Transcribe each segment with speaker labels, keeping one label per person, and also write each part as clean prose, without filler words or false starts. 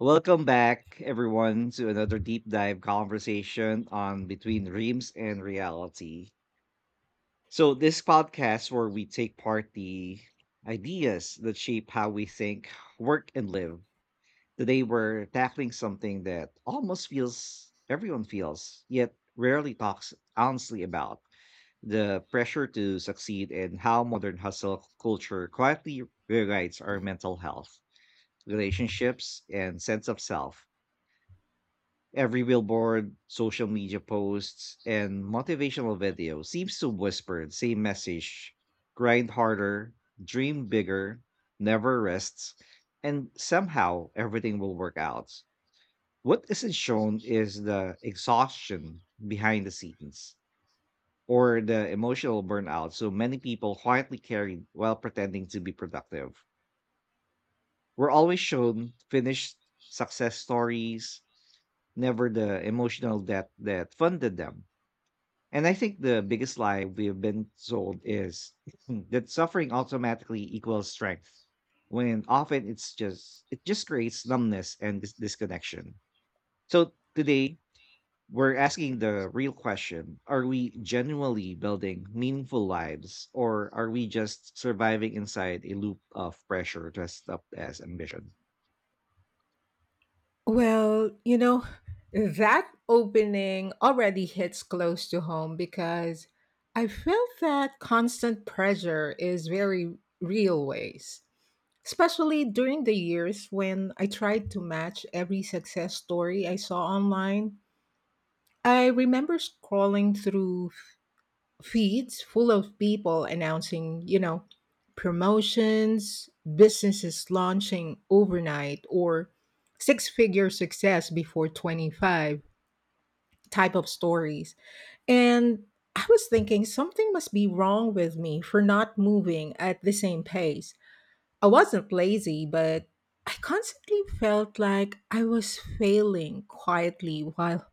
Speaker 1: Welcome back, everyone, to another deep dive conversation on between dreams and reality. So, this podcast where we take part the ideas that shape how we think, work, and live. Today, we're tackling something that almost feels everyone feels, yet rarely talks honestly about the pressure to succeed and how modern hustle culture quietly rewrites our mental health, relationships, and sense of self. Every billboard, social media posts, and motivational video seems to whisper the same message grind harder, dream bigger, never rests, and somehow everything will work out. What isn't shown is the exhaustion behind the scenes or the emotional burnout so many people quietly carry while pretending to be productive. We're always shown finished success stories, never the emotional debt that funded them. And I think the biggest lie we've been sold is that suffering automatically equals strength, when often it just creates numbness and disconnection. So today we're asking the real question: are we genuinely building meaningful lives, or are we just surviving inside a loop of pressure dressed up as ambition?
Speaker 2: Well, that opening already hits close to home because I felt that constant pressure is very real ways, especially during the years when I tried to match every success story I saw online. I remember scrolling through feeds full of people announcing, promotions, businesses launching overnight, or six figure success before 25 type of stories. And I was thinking something must be wrong with me for not moving at the same pace. I wasn't lazy, but I constantly felt like I was failing quietly while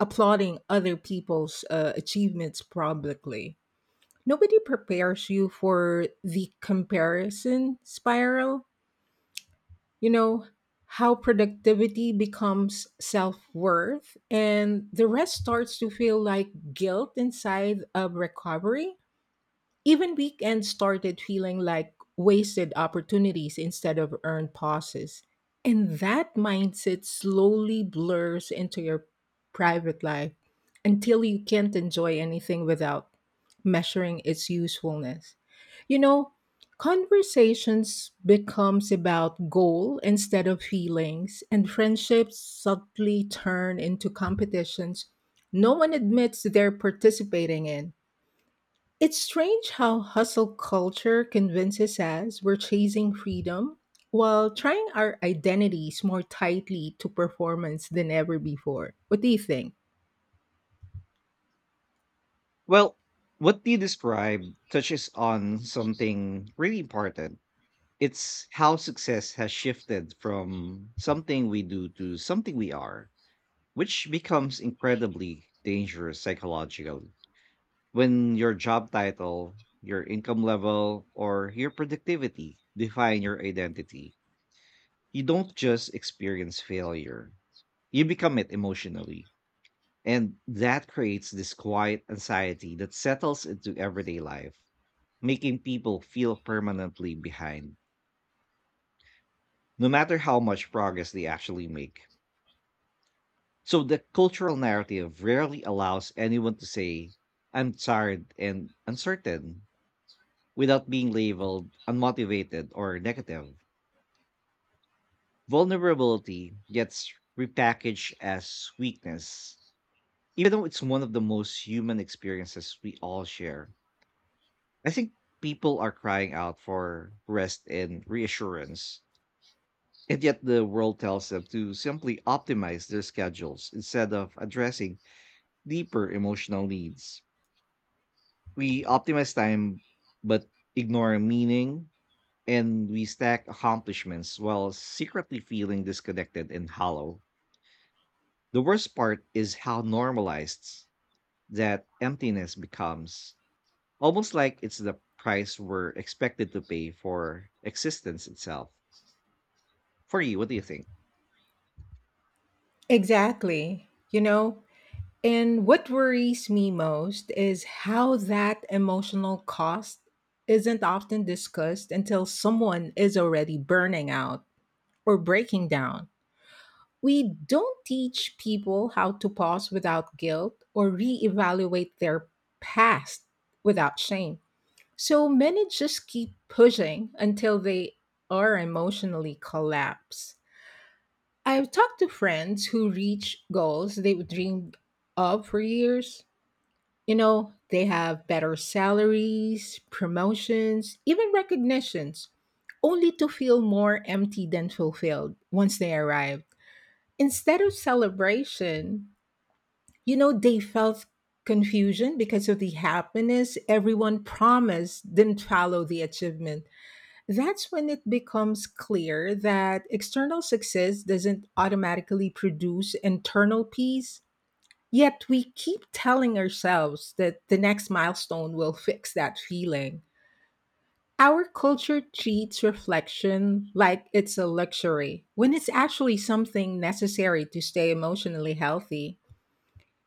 Speaker 2: applauding other people's achievements publicly. Nobody prepares you for the comparison spiral. You know, how productivity becomes self worth, and the rest starts to feel like guilt inside of recovery. Even weekends started feeling like wasted opportunities instead of earned pauses. And that mindset slowly blurs into your private life until you can't enjoy anything without measuring its usefulness. You know, conversations becomes about goal instead of feelings, and friendships subtly turn into competitions no one admits they're participating in. It's strange how hustle culture convinces us we're chasing freedom while trying our identities more tightly to performance than ever before. What do you think?
Speaker 1: Well, what you describe touches on something really important. It's how success has shifted from something we do to something we are, which becomes incredibly dangerous psychologically. When your job title, your income level, or your productivity define your identity, you don't just experience failure, you become it emotionally. And that creates this quiet anxiety that settles into everyday life, making people feel permanently behind no matter how much progress they actually make. So the cultural narrative rarely allows anyone to say, I'm tired and uncertain without being labeled unmotivated or negative. Vulnerability gets repackaged as weakness, even though it's one of the most human experiences we all share. I think people are crying out for rest and reassurance. And yet, the world tells them to simply optimize their schedules instead of addressing deeper emotional needs. We optimize time but ignore meaning, and we stack accomplishments while secretly feeling disconnected and hollow. The worst part is how normalized that emptiness becomes, almost like it's the price we're expected to pay for existence itself. For you, what do you think?
Speaker 2: Exactly. And what worries me most is how that emotional cost isn't often discussed until someone is already burning out or breaking down. We don't teach people how to pause without guilt or reevaluate their past without shame. So many just keep pushing until they are emotionally collapse. I've talked to friends who reach goals they dreamed of for years. They have better salaries, promotions, even recognitions, only to feel more empty than fulfilled once they arrive. Instead of celebration, they felt confusion because of the happiness everyone promised didn't follow the achievement. That's when it becomes clear that external success doesn't automatically produce internal peace. Yet we keep telling ourselves that the next milestone will fix that feeling. Our culture treats reflection like it's a luxury, when it's actually something necessary to stay emotionally healthy.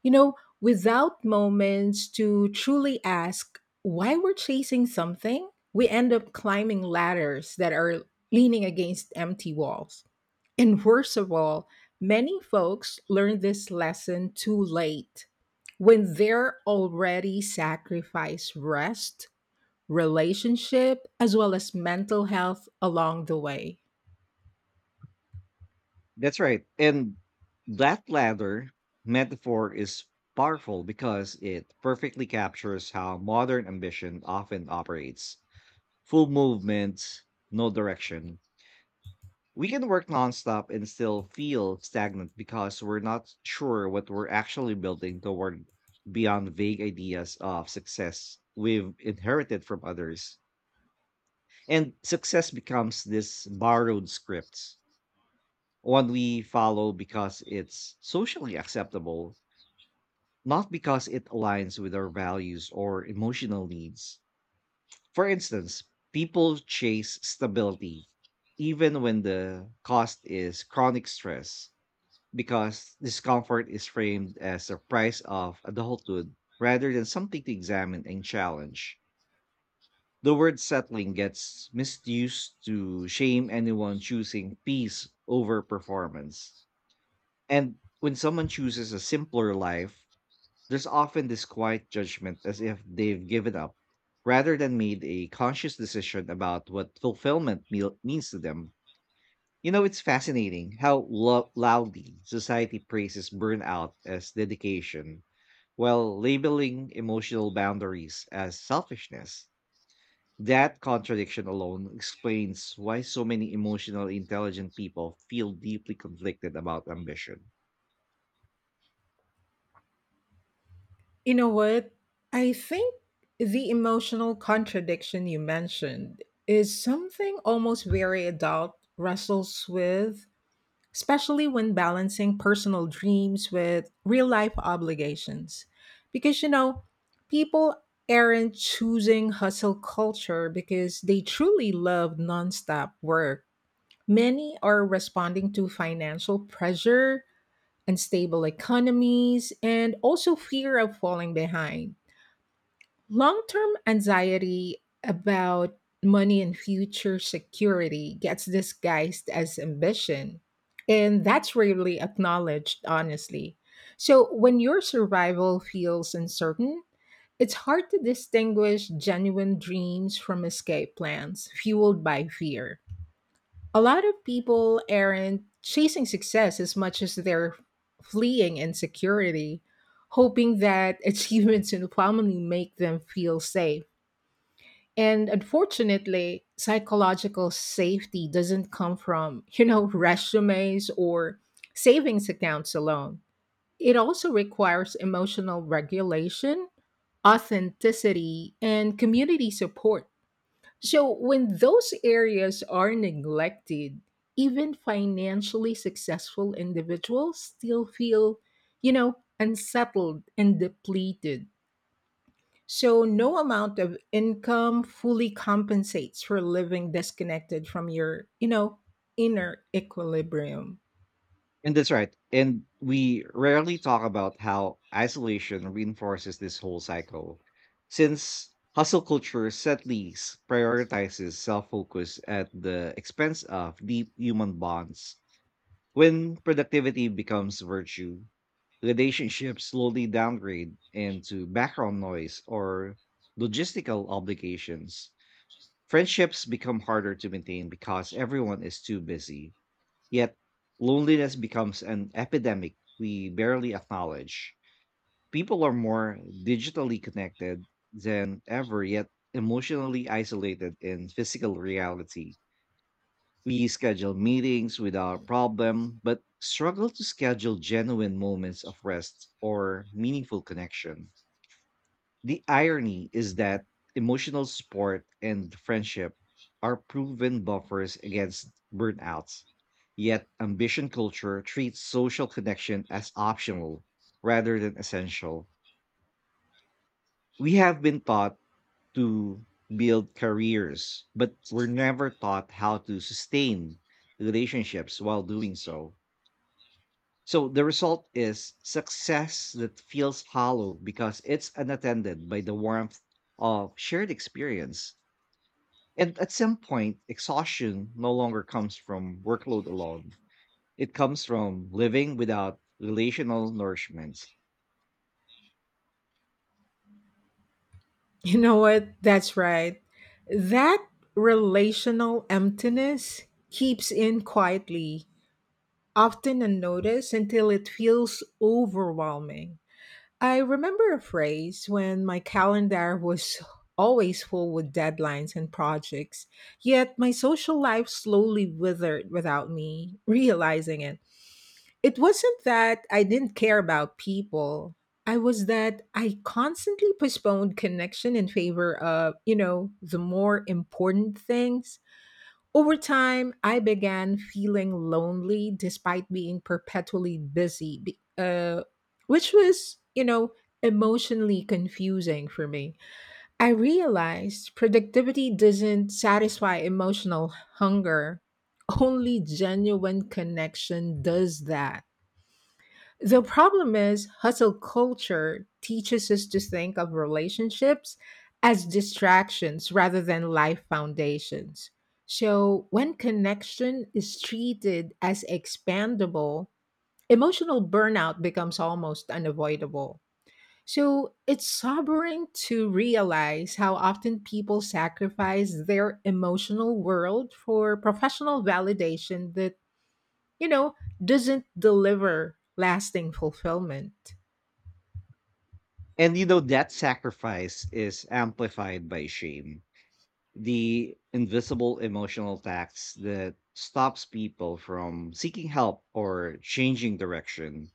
Speaker 2: You know, without moments to truly ask why we're chasing something, we end up climbing ladders that are leaning against empty walls. And worst of all, many folks learn this lesson too late when they're already sacrificed rest, relationship, as well as mental health along the way.
Speaker 1: That's right. And that ladder metaphor is powerful because it perfectly captures how modern ambition often operates full movements, no direction. We can work nonstop and still feel stagnant because we're not sure what we're actually building toward beyond vague ideas of success we've inherited from others. And success becomes this borrowed script, one we follow because it's socially acceptable, not because it aligns with our values or emotional needs. For instance, people chase stability, even when the cost is chronic stress, because discomfort is framed as a price of adulthood rather than something to examine and challenge. The word settling gets misused to shame anyone choosing peace over performance. And when someone chooses a simpler life, there's often this quiet judgment as if they've given up rather than made a conscious decision about what fulfillment means to them. You know, it's fascinating how loudly society praises burnout as dedication while labeling emotional boundaries as selfishness. That contradiction alone explains why so many emotionally intelligent people feel deeply conflicted about ambition.
Speaker 2: You know what? I think the emotional contradiction you mentioned is something almost very adult wrestles with, especially when balancing personal dreams with real life obligations. Because people aren't choosing hustle culture because they truly love nonstop work. Many are responding to financial pressure, unstable economies, and also fear of falling behind. Long-term anxiety about money and future security gets disguised as ambition, and that's rarely acknowledged, honestly. So, when your survival feels uncertain, it's hard to distinguish genuine dreams from escape plans fueled by fear. A lot of people aren't chasing success as much as they're fleeing insecurity, hoping that achievements in family make them feel safe. And unfortunately, psychological safety doesn't come from, resumes or savings accounts alone. It also requires emotional regulation, authenticity, and community support. So when those areas are neglected, even financially successful individuals still feel, unsettled and depleted. So, no amount of income fully compensates for living disconnected from your, inner equilibrium.
Speaker 1: And that's right. And we rarely talk about how isolation reinforces this whole cycle. Since hustle culture sadly prioritizes self focus at the expense of deep human bonds, when productivity becomes virtue, relationships slowly downgrade into background noise or logistical obligations. Friendships become harder to maintain because everyone is too busy. Yet, loneliness becomes an epidemic we barely acknowledge. People are more digitally connected than ever, yet emotionally isolated in physical reality. We schedule meetings without problem, but struggle to schedule genuine moments of rest or meaningful connection. The irony is that emotional support and friendship are proven buffers against burnouts. Yet, ambition culture treats social connection as optional rather than essential. We have been taught to build careers, but we're never taught how to sustain relationships while doing so. So the result is success that feels hollow because it's unattended by the warmth of shared experience. And at some point, exhaustion no longer comes from workload alone. It comes from living without relational nourishment.
Speaker 2: You know what? That's right. That relational emptiness keeps in quietly, often unnoticed until it feels overwhelming. I remember a phrase when my calendar was always full with deadlines and projects, yet my social life slowly withered without me realizing it. It wasn't that I didn't care about people. I was that I constantly postponed connection in favor of, the more important things. Over time, I began feeling lonely despite being perpetually busy, which was, emotionally confusing for me. I realized productivity doesn't satisfy emotional hunger, only genuine connection does that. The problem is, hustle culture teaches us to think of relationships as distractions rather than life foundations. So, when connection is treated as expandable, emotional burnout becomes almost unavoidable. So, it's sobering to realize how often people sacrifice their emotional world for professional validation that, you know, doesn't deliver lasting fulfillment.
Speaker 1: And you know, that sacrifice is amplified by shame, the invisible emotional tax that stops people from seeking help or changing direction.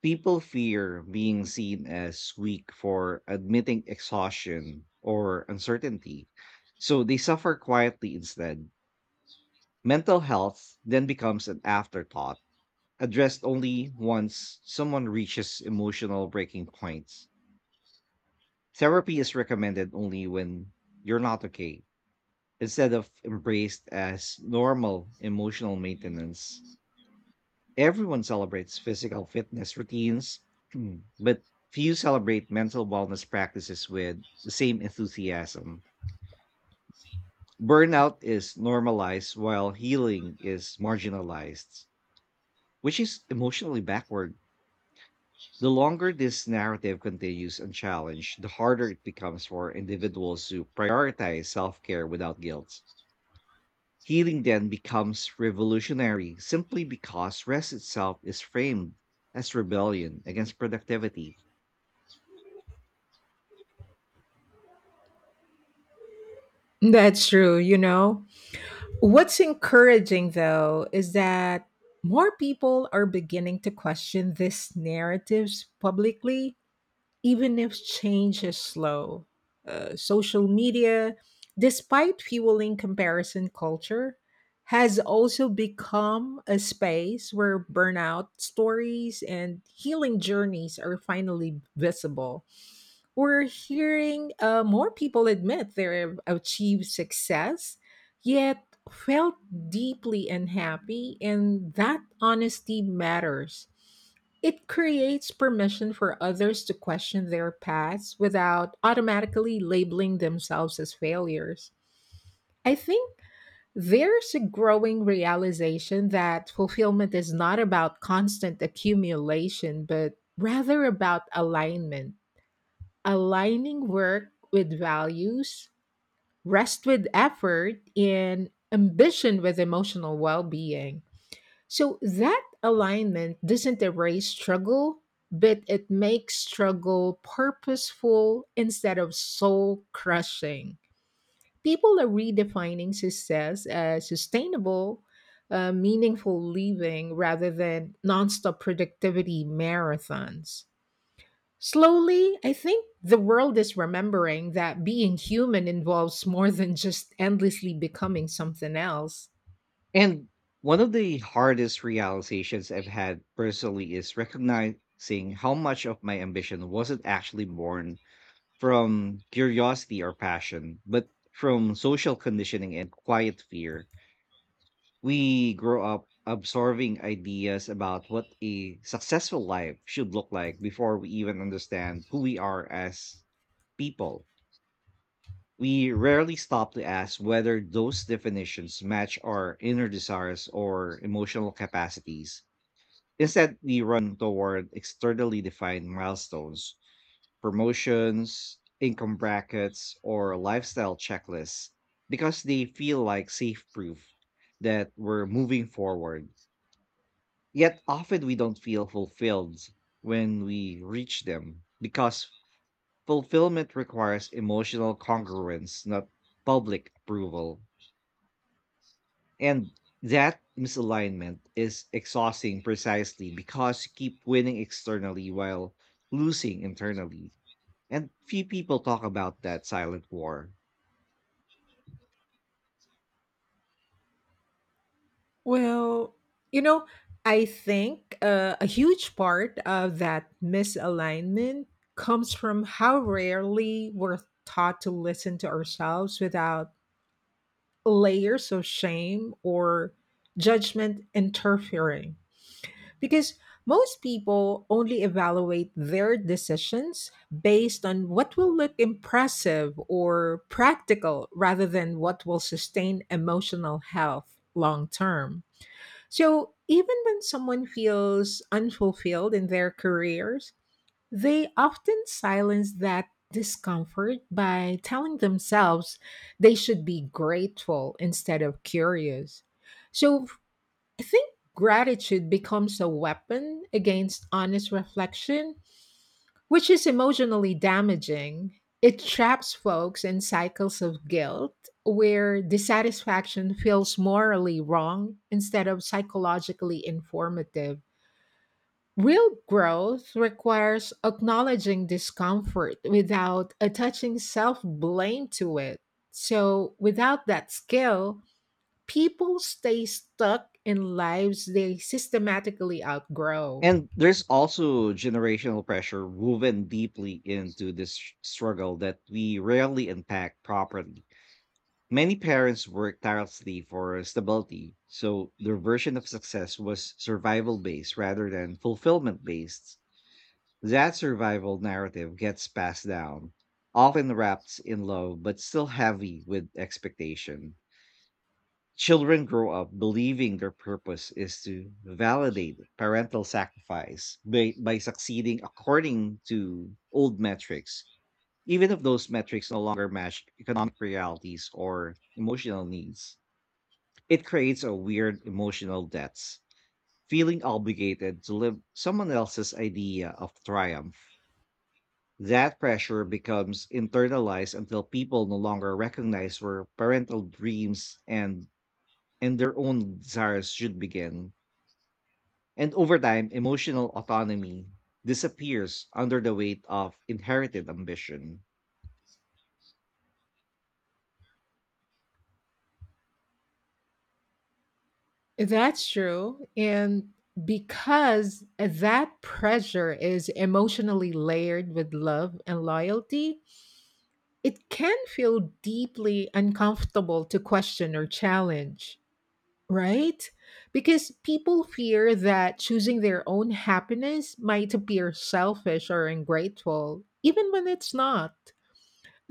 Speaker 1: People fear being seen as weak for admitting exhaustion or uncertainty, so they suffer quietly instead. Mental health then becomes an afterthought, addressed only once someone reaches emotional breaking points. Therapy is recommended only when you're not okay, instead of embraced as normal emotional maintenance. Everyone celebrates physical fitness routines, but few celebrate mental wellness practices with the same enthusiasm. Burnout is normalized while healing is marginalized, which is emotionally backward. The longer this narrative continues unchallenged, the harder it becomes for individuals to prioritize self care without guilt. Healing then becomes revolutionary simply because rest itself is framed as rebellion against productivity.
Speaker 2: That's true. What's encouraging though is that more people are beginning to question these narratives publicly, even if change is slow. Social media, despite fueling comparison culture, has also become a space where burnout stories and healing journeys are finally visible. We're hearing more people admit they've achieved success, yet felt deeply unhappy, and that honesty matters. It creates permission for others to question their paths without automatically labeling themselves as failures. I think there's a growing realization that fulfillment is not about constant accumulation, but rather about alignment, aligning work with values, rest with effort, and ambition with emotional well being. So that alignment doesn't erase struggle, but it makes struggle purposeful instead of soul crushing. People are redefining success as sustainable, meaningful living rather than nonstop productivity marathons. Slowly, I think the world is remembering that being human involves more than just endlessly becoming something else.
Speaker 1: And one of the hardest realizations I've had personally is recognizing how much of my ambition wasn't actually born from curiosity or passion, but from social conditioning and quiet fear. We grow up absorbing ideas about what a successful life should look like before we even understand who we are as people. We rarely stop to ask whether those definitions match our inner desires or emotional capacities. Instead, we run toward externally defined milestones, promotions, income brackets, or lifestyle checklists because they feel like safe proof that we're moving forward. Yet often we don't feel fulfilled when we reach them because fulfillment requires emotional congruence, not public approval. And that misalignment is exhausting precisely because you keep winning externally while losing internally. And few people talk about that silent war.
Speaker 2: Well, you know, I think a huge part of that misalignment comes from how rarely we're taught to listen to ourselves without layers of shame or judgment interfering. Because most people only evaluate their decisions based on what will look impressive or practical rather than what will sustain emotional health long term. So, even when someone feels unfulfilled in their careers, they often silence that discomfort by telling themselves they should be grateful instead of curious. So, I think gratitude becomes a weapon against honest reflection, which is emotionally damaging. It traps folks in cycles of guilt where dissatisfaction feels morally wrong instead of psychologically informative. Real growth requires acknowledging discomfort without attaching self blame to it. So, without that skill, people stay stuck in lives they systematically outgrow.
Speaker 1: And there's also generational pressure woven deeply into this struggle that we rarely unpack properly. Many parents worked tirelessly for stability, so their version of success was survival based rather than fulfillment based. That survival narrative gets passed down, often wrapped in love but still heavy with expectation. Children grow up believing their purpose is to validate parental sacrifice by succeeding according to old metrics, even if those metrics no longer match economic realities or emotional needs. It creates a weird emotional debts, feeling obligated to live someone else's idea of triumph. That pressure becomes internalized until people no longer recognize where parental dreams and their own desires should begin. And over time, emotional autonomy disappears under the weight of inherited ambition.
Speaker 2: That's true. And because that pressure is emotionally layered with love and loyalty, it can feel deeply uncomfortable to question or challenge, right? Because people fear that choosing their own happiness might appear selfish or ungrateful, even when it's not.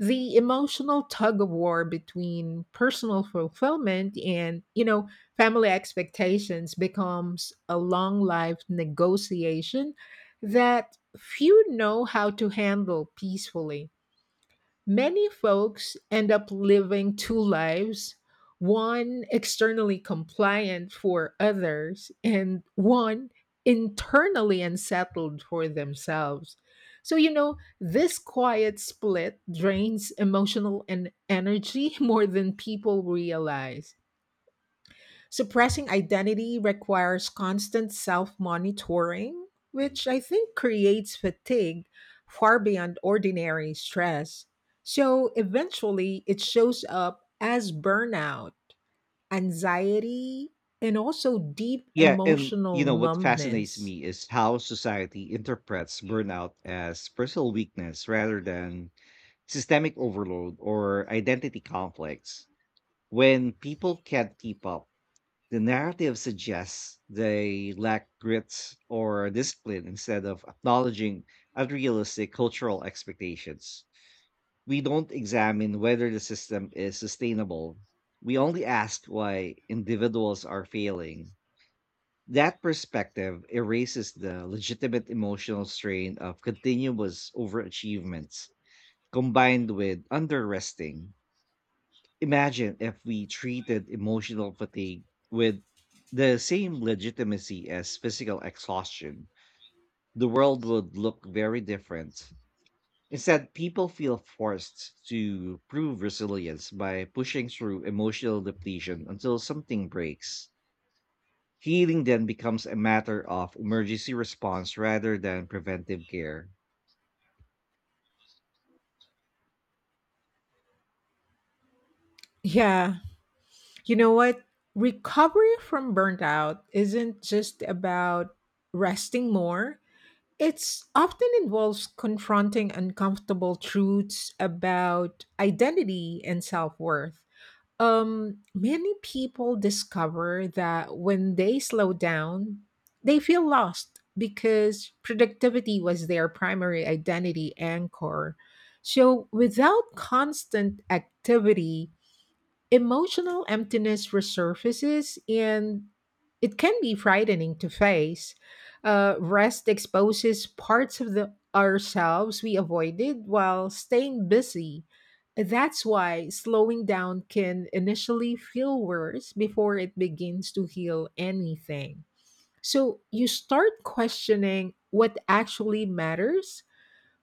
Speaker 2: The emotional tug of war between personal fulfillment and family expectations becomes a long life negotiation that few know how to handle peacefully. Many folks end up living two lives, one externally compliant for others, and one internally unsettled for themselves. So, this quiet split drains emotional and energy more than people realize. Suppressing identity requires constant self monitoring, which I think creates fatigue far beyond ordinary stress. So eventually, it shows up as burnout, anxiety, and also deep
Speaker 1: Yeah, and
Speaker 2: emotional
Speaker 1: you know what fascinates
Speaker 2: numbness.
Speaker 1: me is how society interprets burnout as personal weakness rather than systemic overload or identity conflicts. When people can't keep up, the narrative suggests they lack grit or discipline instead of acknowledging unrealistic cultural expectations. We don't examine whether the system is sustainable. We only ask why individuals are failing. That perspective erases the legitimate emotional strain of continuous overachievements combined with underresting. Imagine if we treated emotional fatigue with the same legitimacy as physical exhaustion. The world would look very different. Instead, people feel forced to prove resilience by pushing through emotional depletion until something breaks. Healing then becomes a matter of emergency response rather than preventive care.
Speaker 2: Yeah, you know what? Recovery from burnout isn't just about resting more. It's often involves confronting uncomfortable truths about identity and self worth. Many people discover that when they slow down, they feel lost because productivity was their primary identity anchor. So, without constant activity, emotional emptiness resurfaces and it can be frightening to face. Rest exposes parts of the ourselves we avoided while staying busy. That's why slowing down can initially feel worse before it begins to heal anything. So you start questioning what actually matters,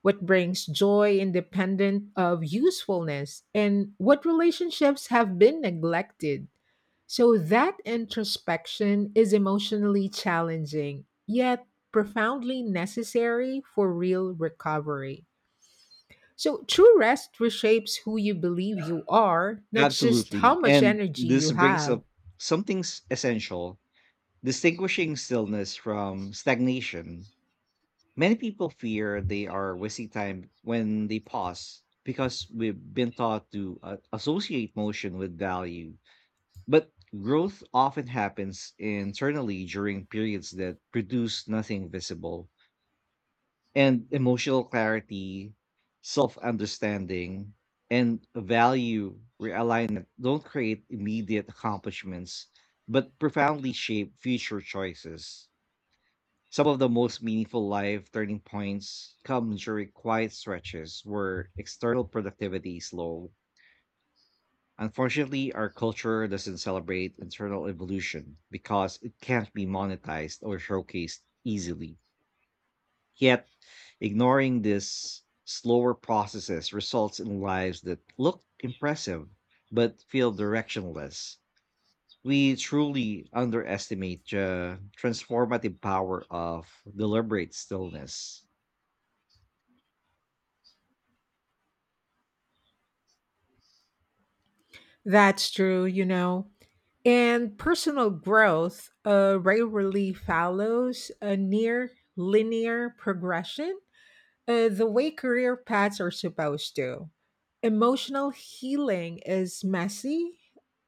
Speaker 2: what brings joy independent of usefulness? And what relationships have been neglected? So that introspection is emotionally challenging, yet profoundly necessary for real recovery. So, true rest reshapes who you believe you are, not just
Speaker 1: Absolutely.
Speaker 2: how much
Speaker 1: And
Speaker 2: energy
Speaker 1: this
Speaker 2: you
Speaker 1: brings
Speaker 2: have.
Speaker 1: up something essential: distinguishing stillness from stagnation. Many people fear they are wasting time when they pause because we've been taught to associate motion with value. But growth often happens internally during periods that produce nothing visible. And emotional clarity, self understanding, and value realignment don't create immediate accomplishments, but profoundly shape future choices. Some of the most meaningful life turning points come during quiet stretches where external productivity is low. Unfortunately, our culture doesn't celebrate internal evolution because it can't be monetized or showcased easily. Yet, ignoring this slower processes results in lives that look impressive but feel directionless. We truly underestimate the transformative power of deliberate stillness.
Speaker 2: That's true. And personal growth rarely follows a near linear progression, the way career paths are supposed to. Emotional healing is messy,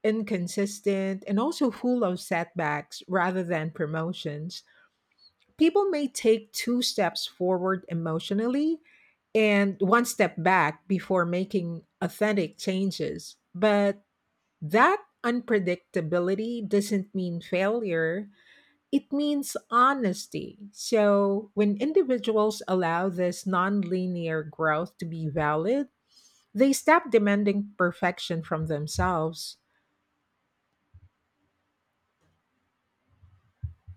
Speaker 2: inconsistent, and also full of setbacks rather than promotions. People may take two steps forward emotionally and one step back before making authentic changes. But that unpredictability doesn't mean failure, it means honesty. So, when individuals allow this nonlinear growth to be valid, they stop demanding perfection from themselves.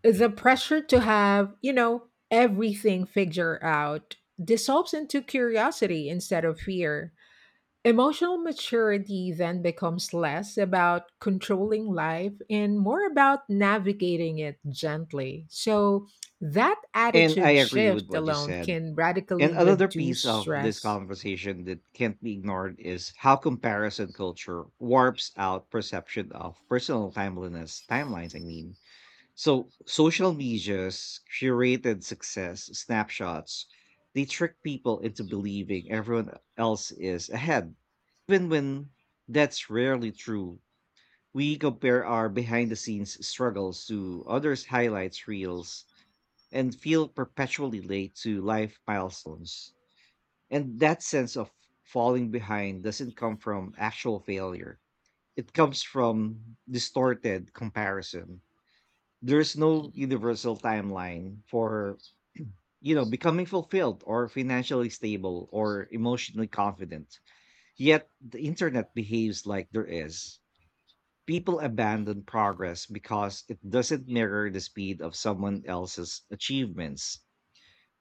Speaker 2: The pressure to have, everything figured out dissolves into curiosity instead of fear. Emotional maturity then becomes less about controlling life and more about navigating it gently. So, that
Speaker 1: And I
Speaker 2: attitude
Speaker 1: agree with
Speaker 2: shift
Speaker 1: what you
Speaker 2: alone
Speaker 1: said.
Speaker 2: can
Speaker 1: And
Speaker 2: radically
Speaker 1: another
Speaker 2: reduce
Speaker 1: piece of this
Speaker 2: stress.
Speaker 1: conversation that can't be ignored is how comparison culture warps out perception of personal timelines. So social media's curated success snapshots, they trick people into believing everyone else is ahead. Even when that's rarely true, we compare our behind the scenes struggles to others' highlights reels and feel perpetually late to life milestones. And that sense of falling behind doesn't come from actual failure, it comes from distorted comparison. There's no universal timeline for, you know, becoming fulfilled or financially stable or emotionally confident. Yet the internet behaves like there is. People abandon progress because it doesn't mirror the speed of someone else's achievements.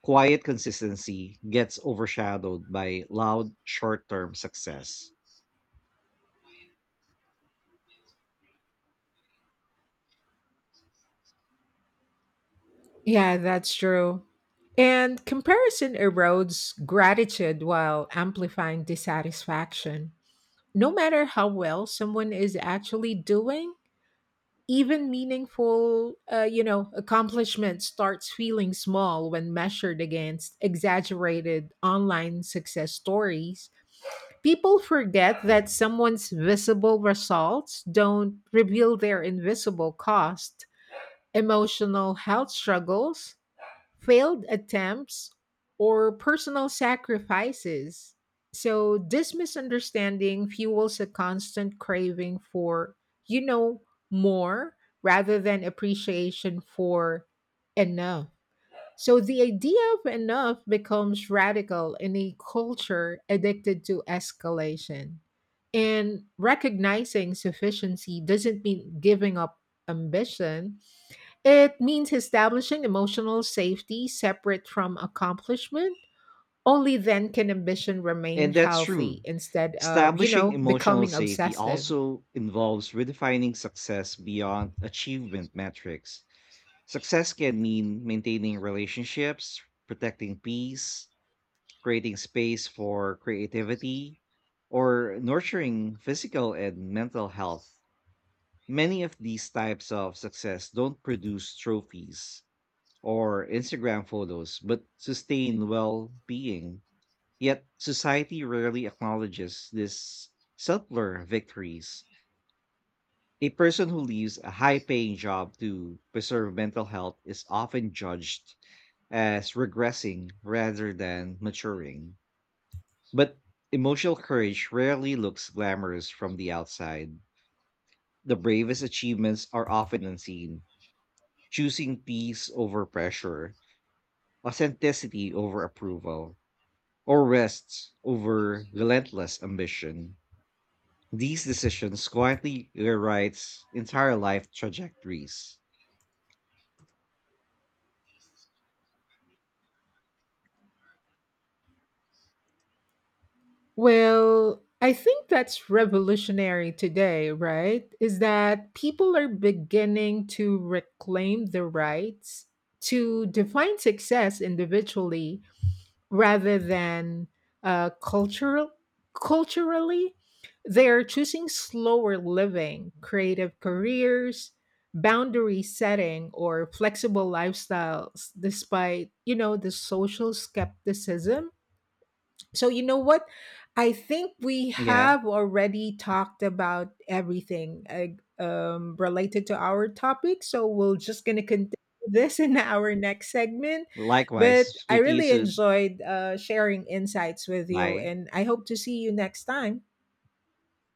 Speaker 1: Quiet consistency gets overshadowed by loud short term success.
Speaker 2: Yeah, that's true. And comparison erodes gratitude while amplifying dissatisfaction. No matter how well someone is actually doing, even meaningful accomplishment starts feeling small when measured against exaggerated online success stories. People forget that someone's visible results don't reveal their invisible cost, emotional health struggles, failed attempts, or personal sacrifices. So, this misunderstanding fuels a constant craving for, you know, more rather than appreciation for enough. So, the idea of enough becomes radical in a culture addicted to escalation. And recognizing sufficiency doesn't mean giving up ambition, it means establishing emotional safety separate from accomplishment. Only then can ambition remain
Speaker 1: And that's
Speaker 2: healthy
Speaker 1: true.
Speaker 2: instead of, you
Speaker 1: Establishing
Speaker 2: know,
Speaker 1: emotional
Speaker 2: becoming
Speaker 1: safety
Speaker 2: obsessive.
Speaker 1: also involves redefining success beyond achievement metrics. Success can mean maintaining relationships, protecting peace, creating space for creativity, or nurturing physical and mental health. Many of these types of success don't produce trophies or Instagram photos, but sustain well being. Yet society rarely acknowledges these subtler victories. A person who leaves a high paying job to preserve mental health is often judged as regressing rather than maturing. But emotional courage rarely looks glamorous from the outside. The bravest achievements are often unseen, choosing peace over pressure, authenticity over approval or rests over relentless ambition, these decisions quietly rewrites entire life trajectories.
Speaker 2: Well, I think that's revolutionary today, right? Is that people are beginning to reclaim the rights to define success individually rather than uh, cultural culturally. They're choosing slower living, creative careers, boundary setting, or flexible lifestyles despite the social skepticism. So, you know what? I think we
Speaker 1: Yeah.
Speaker 2: have already talked about everything related to our topic. So, we're just going to continue this in our next segment.
Speaker 1: Likewise,
Speaker 2: But I
Speaker 1: speak to you
Speaker 2: really
Speaker 1: soon.
Speaker 2: enjoyed sharing insights with you,
Speaker 1: Bye.
Speaker 2: and I hope to see you next time.